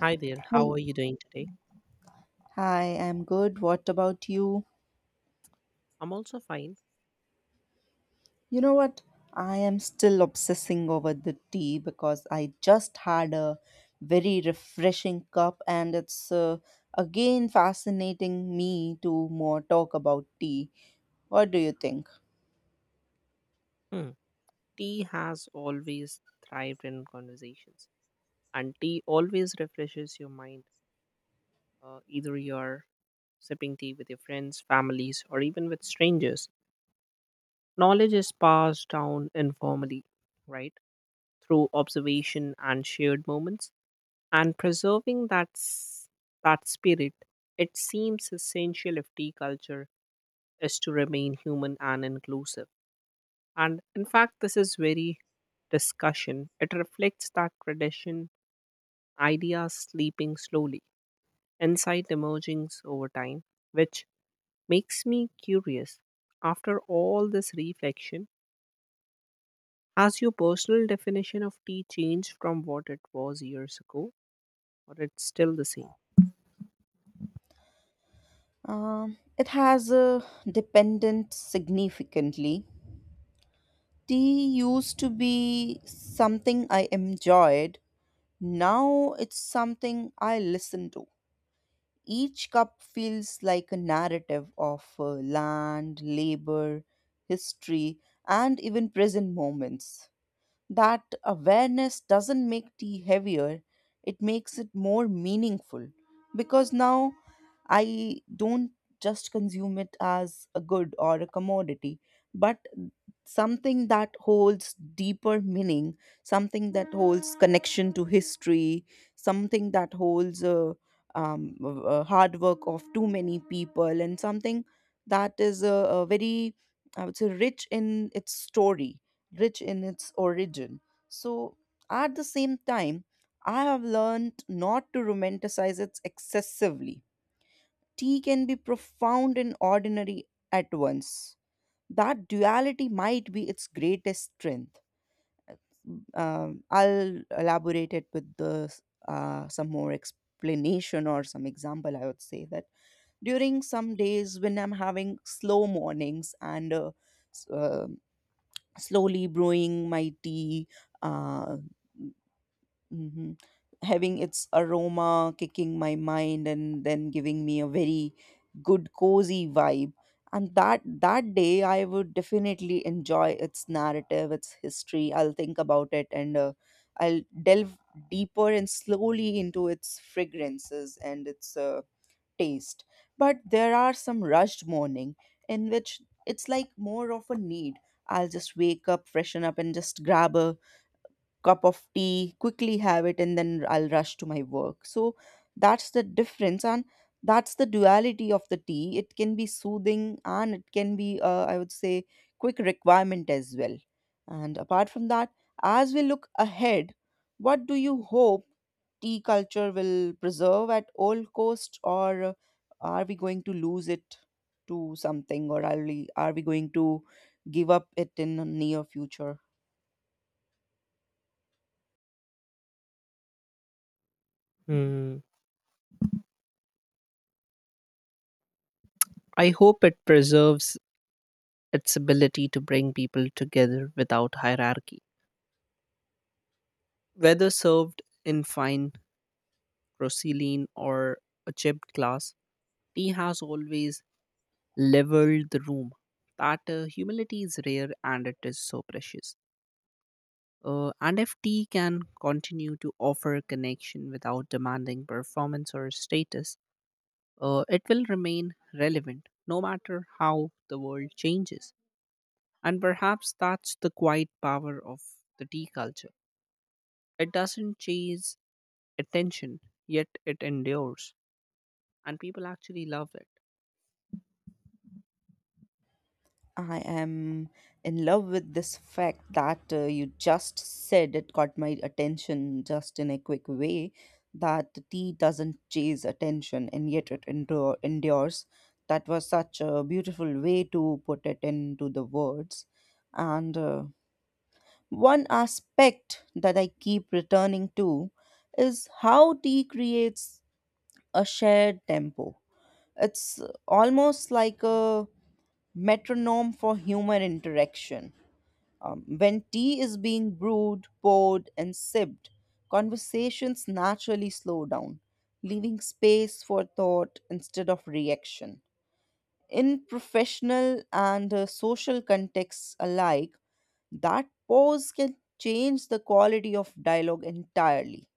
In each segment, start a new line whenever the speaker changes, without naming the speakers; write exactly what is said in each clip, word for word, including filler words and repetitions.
Hi there, how
Hel-
are you doing today?
Hi, I'm good. What about you?
I'm also fine.
You know what? I am still obsessing over the tea because I just had a very refreshing cup, and it's uh, again fascinating me to more talk about tea. What do you think?
Hmm. Tea has always thrived in conversations, and tea always refreshes your mind. Uh, either you're sipping tea with your friends, families, or even with strangers. Knowledge is passed down informally, right? Through observation and shared moments, and preserving that, s- that spirit, it seems essential if tea culture is to remain human and inclusive. And in fact, this is very discussion. It reflects that tradition, ideas sleeping slowly, insight emerging over time, which makes me curious. After all this reflection, has your personal definition of tea changed from what it was years ago, or it's still the same?
Um, it has a dependent significantly. Tea used to be something I enjoyed. Now it's something I listen to. Each cup feels like a narrative of uh, land, labor, history, and even present moments. That awareness doesn't make tea heavier, it makes it more meaningful because now I don't just consume it as a good or a commodity, but something that holds deeper meaning, something that holds connection to history, something that holds a, um, a hard work of too many people, and something that is a, a very, I would say, rich in its story, rich in its origin. So, at the same time, I have learned not to romanticize it excessively. Tea can be profound and ordinary at once. That duality might be its greatest strength. Um, I'll elaborate it with the, uh, some more explanation or some example. I would say that during some days when I'm having slow mornings and uh, s- uh, slowly brewing my tea, uh, mhm, having its aroma kicking my mind, and then giving me a very good cozy vibe. And that that day, I would definitely enjoy its narrative, its history. I'll think about it, and uh, I'll delve deeper and slowly into its fragrances and its uh, taste. But there are some rushed morning in which it's like more of a need. I'll just wake up, freshen up, and just grab a cup of tea, quickly have it, and then I'll rush to my work. So that's the difference, and that's the duality of the tea. It can be soothing and it can be, uh, I would say, quick requirement as well. And apart from that, as we look ahead, what do you hope tea culture will preserve at all cost, or uh, are we going to lose it to something, or are we, are we going to give up it in the near future?
Hmm. I hope it preserves its ability to bring people together without hierarchy. Whether served in fine porcelain, or a chipped glass, tea has always leveled the room. That uh, humility is rare and it is so precious. Uh, and if tea can continue to offer connection without demanding performance or status, uh, it will remain relevant no matter how the world changes. And perhaps that's the quiet power of the tea culture. It doesn't chase attention, yet it endures, and people actually love it.
I am in love with this fact that uh, you just said it got my attention just in a quick way that tea doesn't chase attention and yet it endure, endures. That was such a beautiful way to put it into the words. And uh, one aspect that I keep returning to is how tea creates a shared tempo. It's almost like a metronome for human interaction. Um, when tea is being brewed, poured, and sipped, conversations naturally slow down, leaving space for thought instead of reaction. In professional and uh, social contexts alike, that pause can change the quality of dialogue entirely.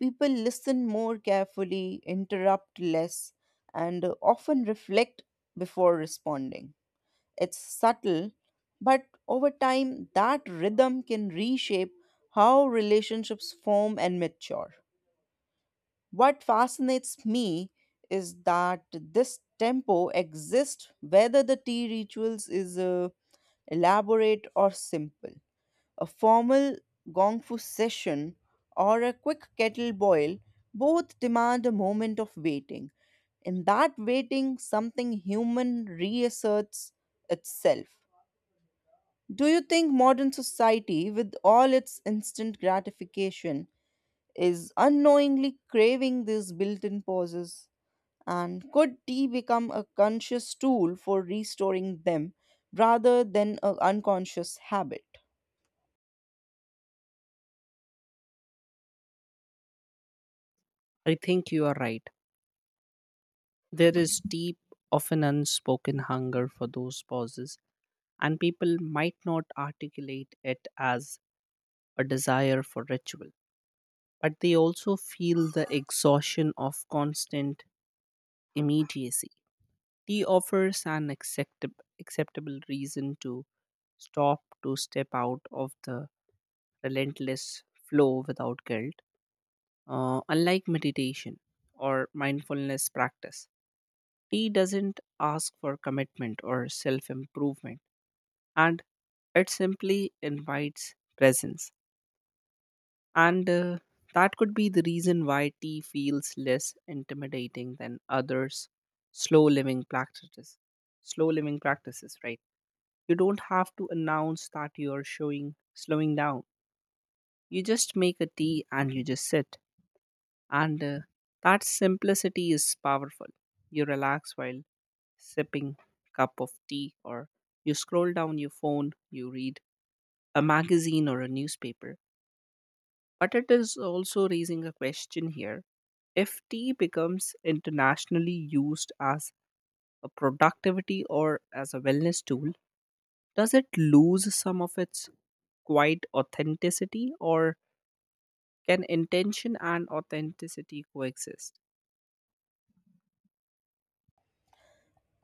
People listen more carefully, interrupt less, and uh, often reflect before responding. It's subtle, but over time, that rhythm can reshape how relationships form and mature. What fascinates me is that this tempo exists whether the tea rituals is uh, elaborate or simple. A formal gongfu session or a quick kettle boil both demand a moment of waiting. In that waiting, something human reasserts itself. Do you think modern society, with all its instant gratification, is unknowingly craving these built in pauses? And could tea become a conscious tool for restoring them rather than an unconscious habit?
I think you are right. There is deep, often unspoken hunger for those pauses, and people might not articulate it as a desire for ritual, but they also feel the exhaustion of constant immediacy. Tea offers an acceptab- acceptable reason to stop, to step out of the relentless flow without guilt, uh, unlike meditation or mindfulness practice. Tea doesn't ask for commitment or self improvement, and it simply invites presence. And uh, that could be the reason why tea feels less intimidating than others' slow living practices. Slow living practices, right? You don't have to announce that you're showing slowing down. You just make a tea and you just sit. And uh, that simplicity is powerful. You relax while sipping cup of tea, or you scroll down your phone, you read a magazine or a newspaper, but it is also raising a question here: if tea becomes internationally used as a productivity or as a wellness tool, does it lose some of its quiet authenticity, or can intention and authenticity coexist?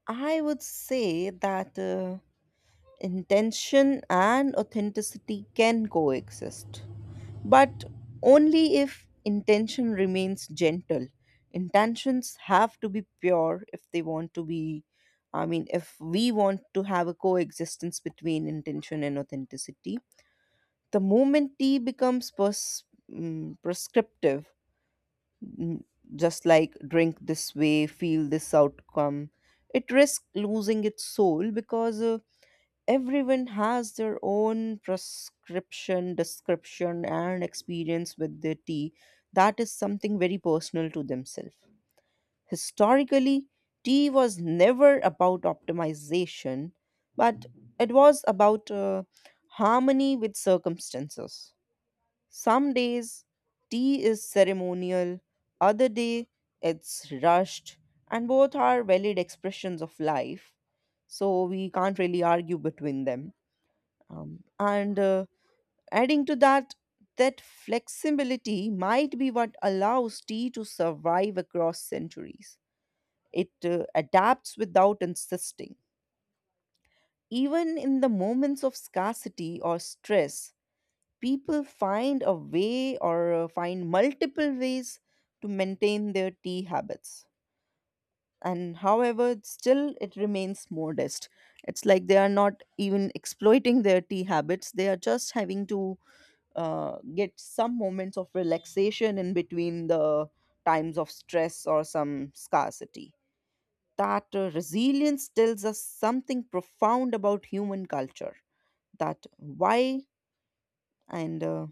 I would say that uh, intention and authenticity can coexist, but only if intention remains gentle. Intentions have to be pure if they want to be. I mean, if we want to have a coexistence between intention and authenticity, the moment tea becomes pers- mm, prescriptive, mm, just like drink this way feel this outcome, it risks losing its soul because uh, everyone has their own prescription description and experience with the tea. That is something very personal to themselves. Historically, tea was never about optimization, but it was about uh, harmony with circumstances. Some days tea is ceremonial, other day it's rushed, and both are valid expressions of life, so we can't really argue between them. Um, and uh, adding to that, that flexibility might be what allows tea to survive across centuries. It uh, adapts without insisting. Even in the moments of scarcity or stress, people find a way or uh, find multiple ways to maintain their tea habits. And however, still it remains modest. It's like they are not even exploiting their tea habits, they are just having to uh, get some moments of relaxation in between the times of stress or some scarcity. That uh, resilience tells us something profound about human culture. That why, and uh,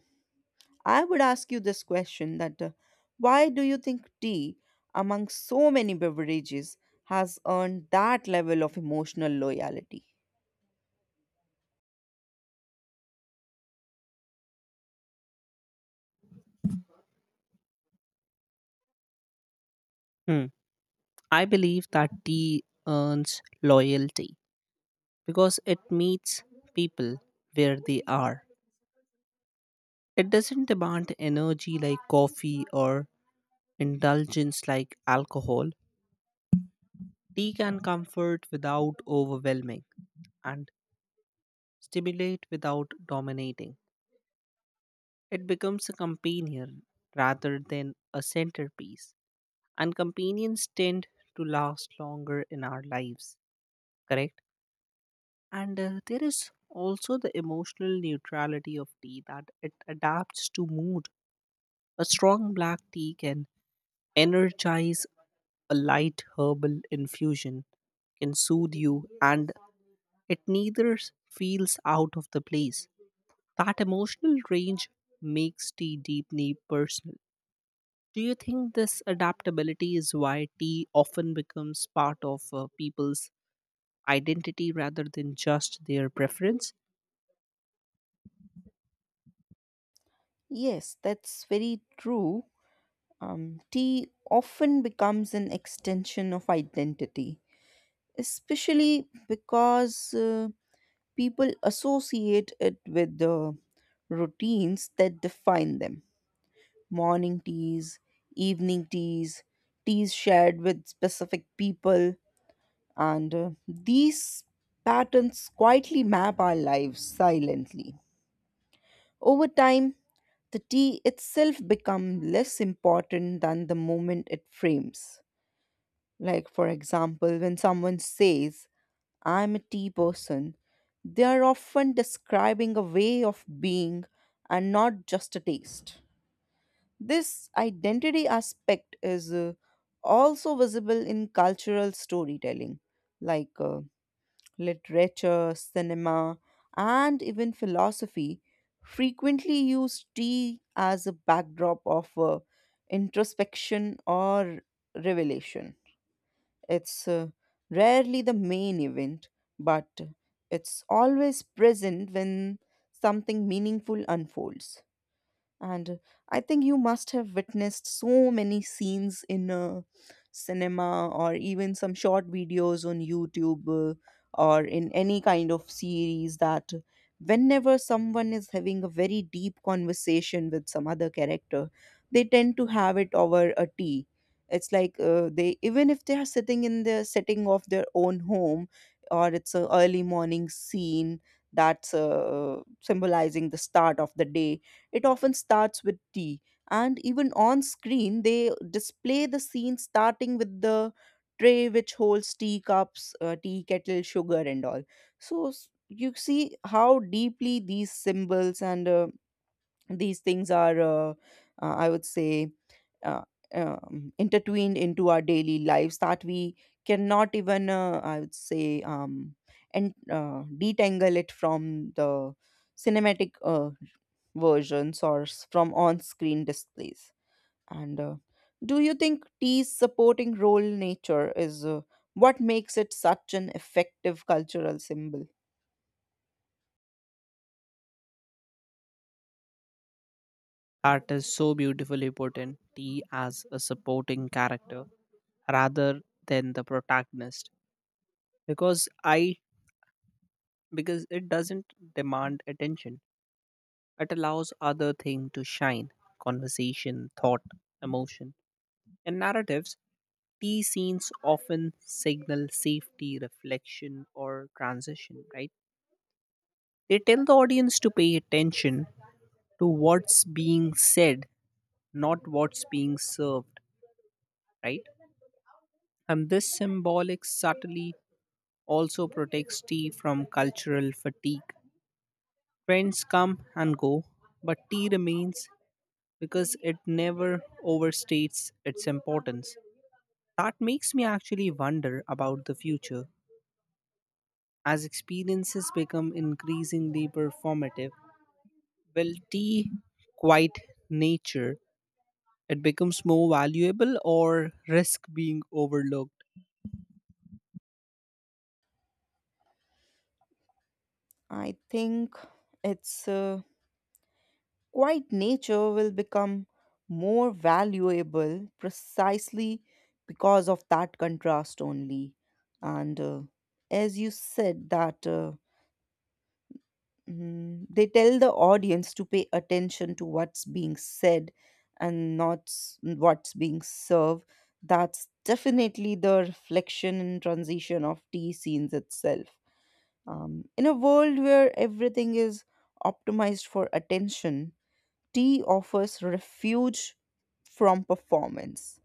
I would ask you this question that, uh, why do you think tea, among so many beverages, has earned that level of emotional loyalty?
Hmm. I believe that tea earns loyalty because it meets people where they are. It doesn't demand energy like coffee or indulgence like alcohol. Tea can comfort without overwhelming and stimulate without dominating. It becomes a companion rather than a centerpiece. And companions tend to last longer in our lives, correct? And uh, there is also the emotional neutrality of tea, that it adapts to mood. A strong black tea can energize, a light herbal infusion can soothe you, and it neither feels out of the place. That emotional range makes tea deeply personal. Do you think this adaptability is why tea often becomes part of uh, people's identity rather than just their preference?
Yes, that's very true. Um, tea often becomes an extension of identity, especially because uh, people associate it with the routines that define them: morning teas, evening teas, teas shared with specific people, and uh, these patterns quietly map our lives silently. Over time, the tea itself becomes less important than the moment it frames. Like, for example, when someone says, "I'm a tea person," they are often describing a way of being and not just a taste. This identity aspect is uh, also visible in cultural storytelling, like uh, literature, cinema, and even philosophy. Frequently use tea as a backdrop of uh, introspection or revelation. It's uh, rarely the main event, but it's always present when something meaningful unfolds. And I think you must have witnessed so many scenes in uh, cinema or even some short videos on YouTube, uh, or in any kind of series, that whenever someone is having a very deep conversation with some other character, they tend to have it over a tea. It's like, uh, they, even if they are sitting in the setting of their own home or it's an early morning scene that's uh, symbolizing the start of the day, it often starts with tea, and even on screen, they display the scene starting with the tray which holds tea cups, uh, tea kettle, sugar, and all. So s- you see how deeply these symbols and uh, these things are, uh, uh, I would say, uh, um, intertwined into our daily lives, that we cannot even, uh, I would say, um, and uh, detangle it from the cinematic uh, versions or s- from on-screen displays. And uh, do you think tea's supporting role in nature is uh, what makes it such an effective cultural symbol?
That is so beautifully put, in T as a supporting character rather than the protagonist. Because I because it doesn't demand attention. It allows other thing to shine. Conversation, thought, emotion, and narratives. These scenes often signal safety, reflection, or transition, right? They tell the audience to pay attention to what's being said, not what's being served, right? And this symbolic subtlety also protects tea from cultural fatigue. Trends come and go, but tea remains because it never overstates its importance. That makes me actually wonder about the future. As experiences become increasingly performative, will tea quite nature it becomes more valuable or risk being overlooked?
I think it's uh, quiet nature will become more valuable precisely because of that contrast only. And uh, as you said that, uh, mm, they tell the audience to pay attention to what's being said and not s- what's being served. That's definitely the reflection and transition of tea scenes itself. Um, in a world where everything is optimized for attention, tea offers refuge from performance.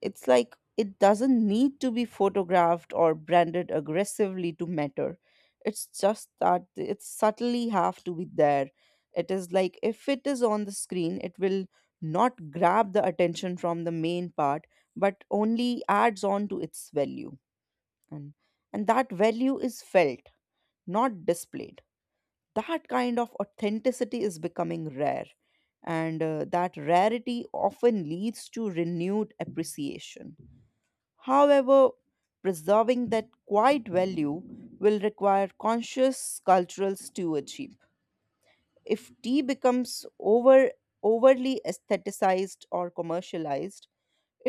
It's like it doesn't need to be photographed or branded aggressively to matter. It's just that it subtly have to be there. It is like if it is on the screen, it will not grab the attention from the main part, but only adds on to its value. And and that value is felt, not displayed. That kind of authenticity is becoming rare, and uh, that rarity often leads to renewed appreciation. However, preserving that quiet value will require conscious cultural stewardship. If tea becomes over overly aestheticized or commercialized,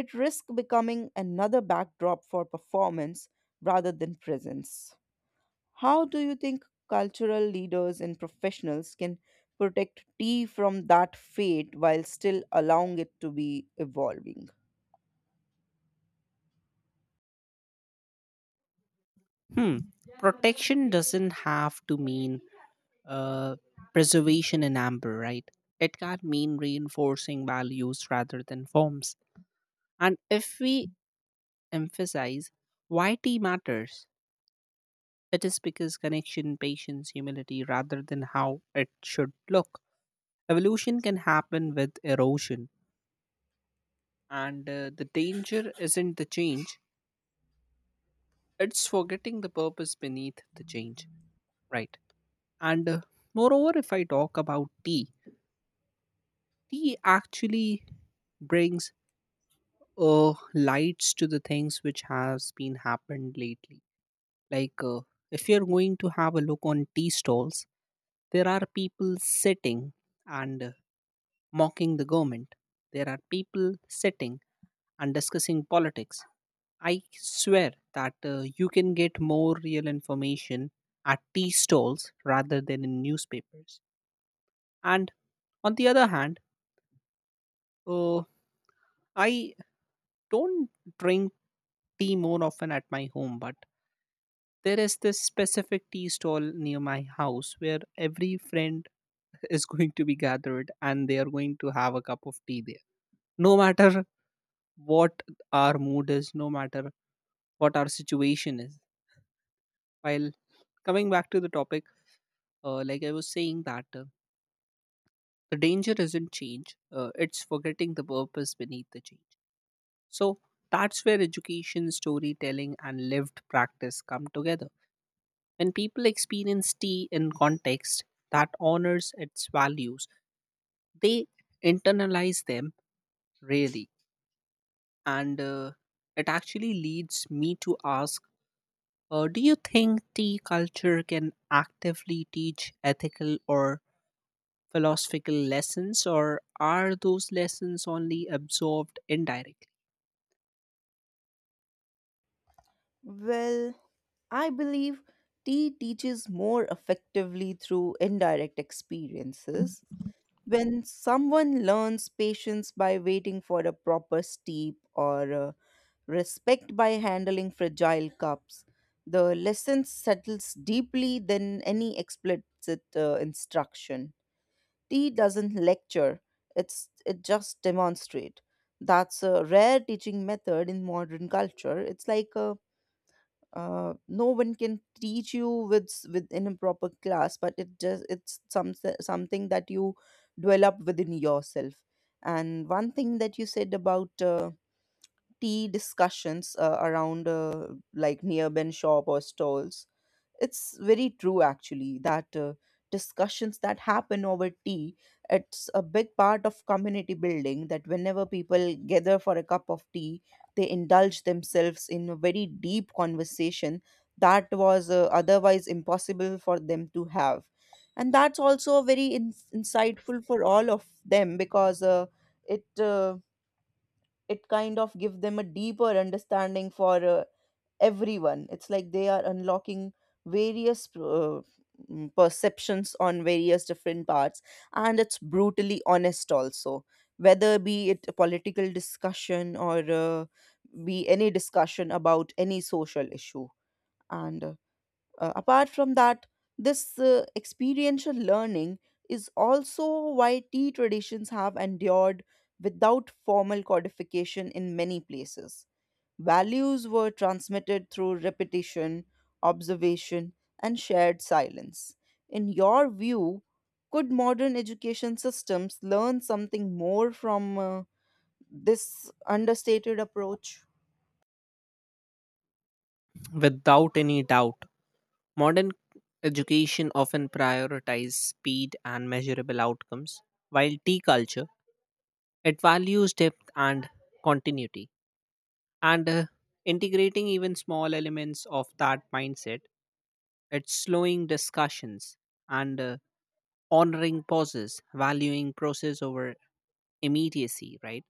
it risks becoming another backdrop for performance rather than presence. How do you think cultural leaders and professionals can protect tea from that fate while still allowing it to be evolving?
Hmm. Protection doesn't have to mean uh, preservation in amber, right? It can mean reinforcing values rather than forms. And if we emphasize why tea matters, it is because connection, patience, humility, rather than how it should look. Evolution can happen with erosion, and uh, the danger isn't the change, it's forgetting the purpose beneath the change, right? And uh, moreover, if I talk about tea, tea actually brings uh, lights to the things which has been happened lately. Like uh, if you're going to have a look on tea stalls, there are people sitting and uh, mocking the government. There are people sitting and discussing politics. I swear that uh, you can get more real information at tea stalls rather than in newspapers. And on the other hand, uh, I don't drink tea more often at my home, but there is this specific tea stall near my house where every friend is going to be gathered and they are going to have a cup of tea there. No matter what our mood is, no matter what our situation is. While coming back to the topic, Uh, like I was saying that uh, the danger isn't change; uh, it's forgetting the purpose beneath the change. So that's where education, storytelling, and lived practice come together. When people experience tea in context that honors its values, they internalize them really, and uh, it actually leads me to ask: uh, Do you think tea culture can actively teach ethical or philosophical lessons, or are those lessons only absorbed indirectly?
Well, I believe tea teaches more effectively through indirect experiences. When someone learns patience by waiting for a proper steep or uh, respect by handling fragile cups, the lesson settles deeply than any explicit uh, instruction. Tea doesn't lecture, it's, it just demonstrates. That's a rare teaching method in modern culture. It's like a uh, no one can teach you with s- within a proper class, but it just it's some something that you develop within yourself. And one thing that you said about uh, tea discussions uh, around, uh, like near ben shop or stalls, it's very true, actually, that uh, discussions that happen over tea, it's a big part of community building, that whenever people gather for a cup of tea, they indulge themselves in a very deep conversation that was uh, otherwise impossible for them to have. And that's also very in- insightful for all of them because uh, it uh, it kind of give them a deeper understanding for uh, everyone. It's like they are unlocking various uh, mm, perceptions on various different parts, and it's brutally honest also, whether be it a political discussion or uh, be any discussion about any social issue. And uh, uh, Apart from that, this uh, experiential learning is also why tea traditions have endured without formal codification in many places. Values were transmitted through repetition, observation, and shared silence. In your view, could modern education systems learn something more from uh, this understated approach?
Without any doubt, modern education often prioritizes speed and measurable outcomes, while tea culture it values depth and continuity. And uh, integrating even small elements of that mindset, it's slowing discussions and uh, honoring pauses, valuing process over immediacy, right?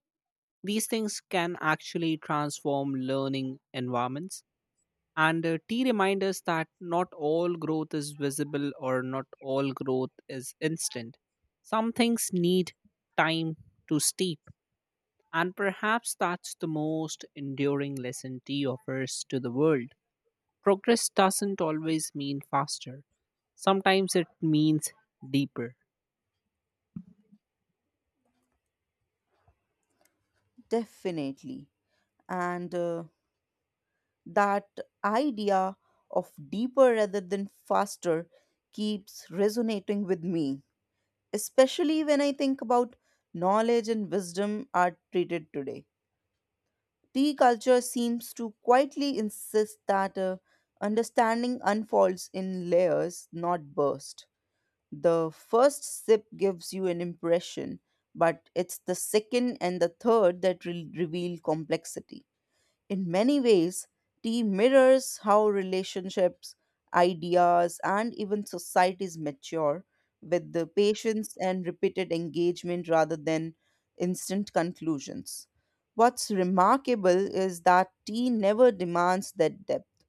These things can actually transform learning environments. And uh, T reminds us that not all growth is visible, or not all growth is instant. Some things need time to steep. And perhaps that's the most enduring lesson T offers to the world. Progress doesn't always mean faster, sometimes it means deeper.
Definitely. And uh, that idea of deeper rather than faster keeps resonating with me, especially when I think about knowledge and wisdom are treated today. Tea culture seems to quietly insist that uh, understanding unfolds in layers, not bursts. The first sip gives you an impression, but it's the second and the third that re- reveal complexity. In many ways, tea mirrors how relationships, ideas, and even societies mature with the patience and repeated engagement rather than instant conclusions. What's remarkable is that tea never demands that depth,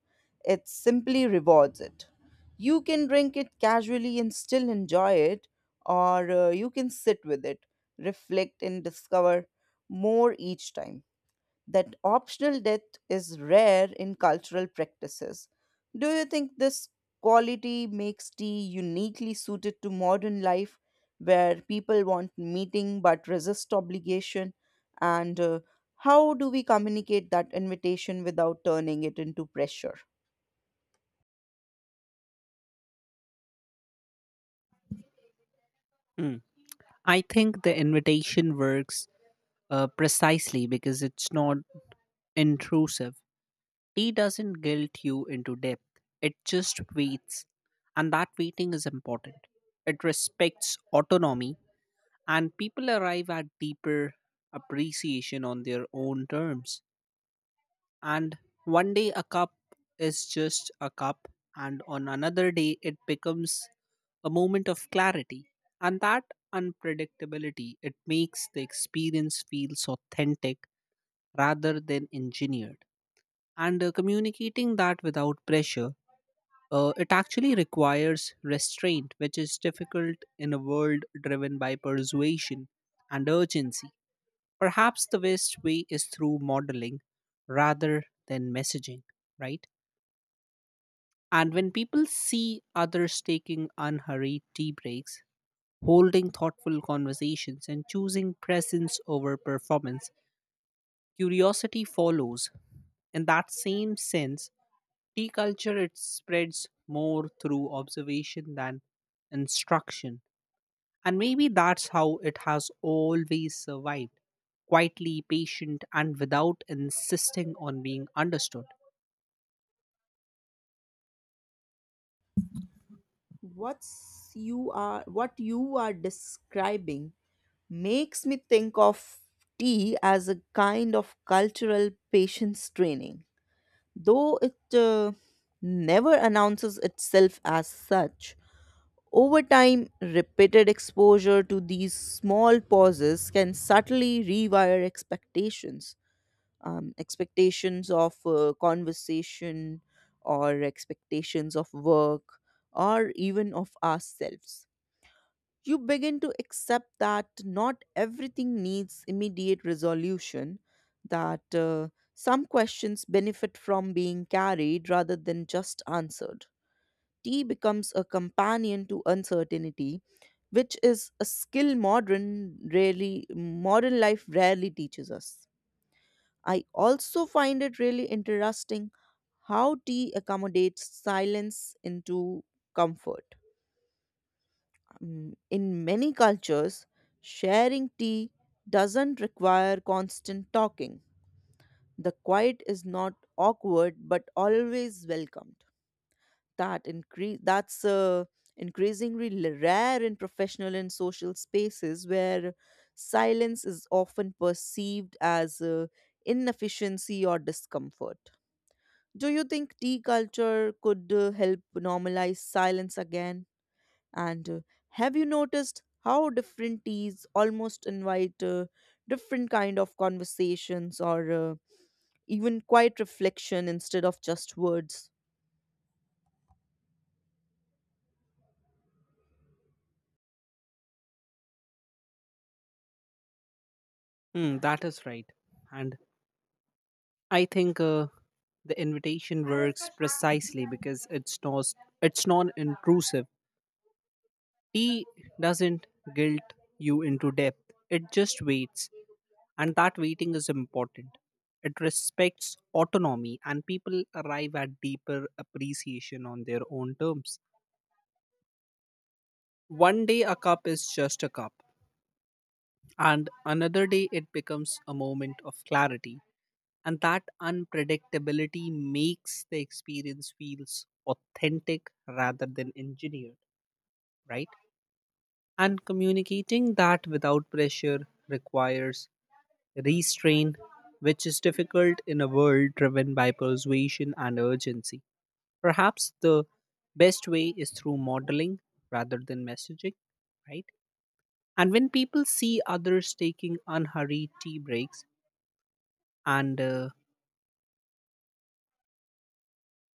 it simply rewards it. You can drink it casually and still enjoy it, or uh, you can sit with it, reflect, and discover more each time. That optional death is rare in cultural practices. Do you think this quality makes tea uniquely suited to modern life where people want meeting but resist obligation? And uh, how do we communicate that invitation without turning it into pressure?
Hmm. I think the invitation works uh, precisely because it's not intrusive. Tea doesn't guilt you into depth, it just waits, and that waiting is important. It respects autonomy, and people arrive at deeper appreciation on their own terms. And one day, a cup is just a cup, and on another day, it becomes a moment of clarity. And that unpredictability, it makes the experience feels authentic rather than engineered. And uh, communicating that without pressure uh, it actually requires restraint, which is difficult in a world driven by persuasion and urgency. Perhaps the best way is through modeling rather than messaging, right? And when people see others taking unhurried tea breaks, holding thoughtful conversations, and choosing presence over performance, curiosity follows. In that same sense, tea culture it spreads more through observation than instruction. And maybe that's how it has always survived quietly, patient, and without insisting on being understood.
What's you are what you are describing makes me think of tea as a kind of cultural patience training. Though it uh, never announces itself as such, over time, repeated exposure to these small pauses can subtly rewire expectations. Um, expectations of uh, conversation, or expectations of work, or even of ourselves. You begin to accept that not everything needs immediate resolution, that uh, some questions benefit from being carried rather than just answered. Tea becomes a companion to uncertainty, which is a skill modern rarely modern life rarely teaches us. I also find it really interesting how tea accommodates silence into comfort. Mm, In many cultures, sharing tea doesn't require constant talking. The quiet is not awkward but always welcomed. That increase that's uh, increasingly l- rare in professional and social spaces where silence is often perceived as uh, inefficiency or discomfort. Do you think tea culture could uh, help normalize silence again? And uh, have you noticed how different teas almost invite uh, different kind of conversations or uh, even quiet reflection instead of just words?
Hmm, that is right. And I think uh, the invitation works precisely because it's not it's non-intrusive. Tea doesn't guilt you into depth. It just waits. And that waiting is important. It respects autonomy, and people arrive at deeper appreciation on their own terms. One day, a cup is just a cup, and another day, it becomes a moment of clarity. And that unpredictability makes the experience feels authentic rather than engineered, right? And communicating that without pressure requires restraint, which is difficult in a world driven by persuasion and urgency. Perhaps the best way is through modeling rather than messaging, right? And when people see others taking unhurried tea breaks, and uh,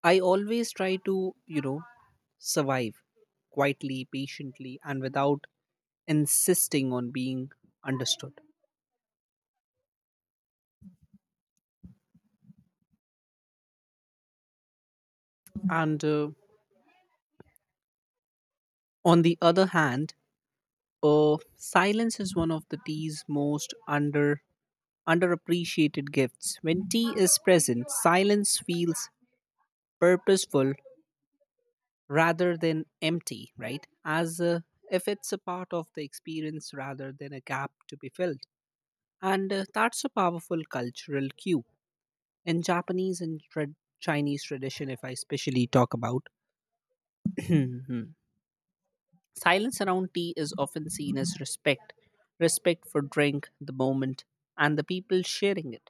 I always try to, you know, survive quietly, patiently, and without insisting on being understood. And uh, on the other hand, Uh, silence is one of the tea's most under underappreciated gifts. When tea is present, silence feels purposeful rather than empty, right? As uh, if it's a part of the experience rather than a gap to be filled. And uh, that's a powerful cultural cue in Japanese and tra- Chinese tradition, if I specially talk about. Silence around tea is often seen as respect respect for drink, the moment, and the people sharing it.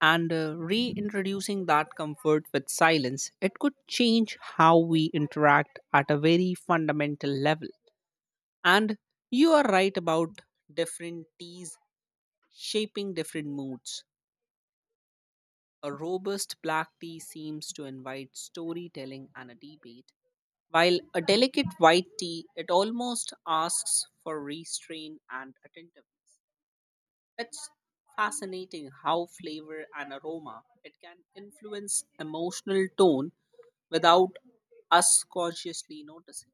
And uh, reintroducing that comfort with silence, it could change how we interact at a very fundamental level. And you are right about different teas shaping different moods. A robust black tea seems to invite storytelling and a debate. While a delicate white tea, it almost asks for restraint and attentive. It's fascinating how flavor and aroma it can influence emotional tone without us consciously noticing.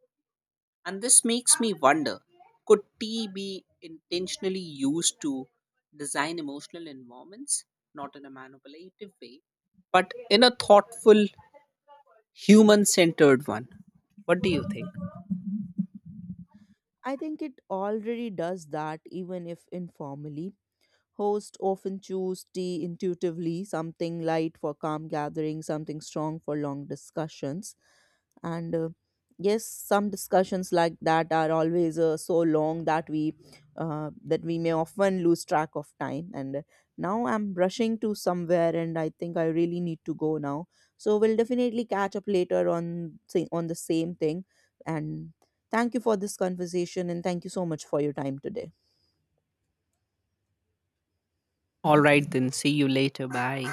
And this makes me wonder, could tea be intentionally used to design emotional environments, not in a manipulative way, but in a thoughtful, human centered one? What do you think?
I think it already does that, even if informally. Hosts often choose tea intuitively, something light for calm gatherings, something strong for long discussions, and uh, yes, some discussions like that are always uh, so long that we, uh, that we may often lose track of time. And uh, now I'm rushing to somewhere and I think I really need to go now, so we'll definitely catch up later on, say, on the same thing. And thank you for this conversation, and thank you so much for your time today.
All right, then. See you later. Bye.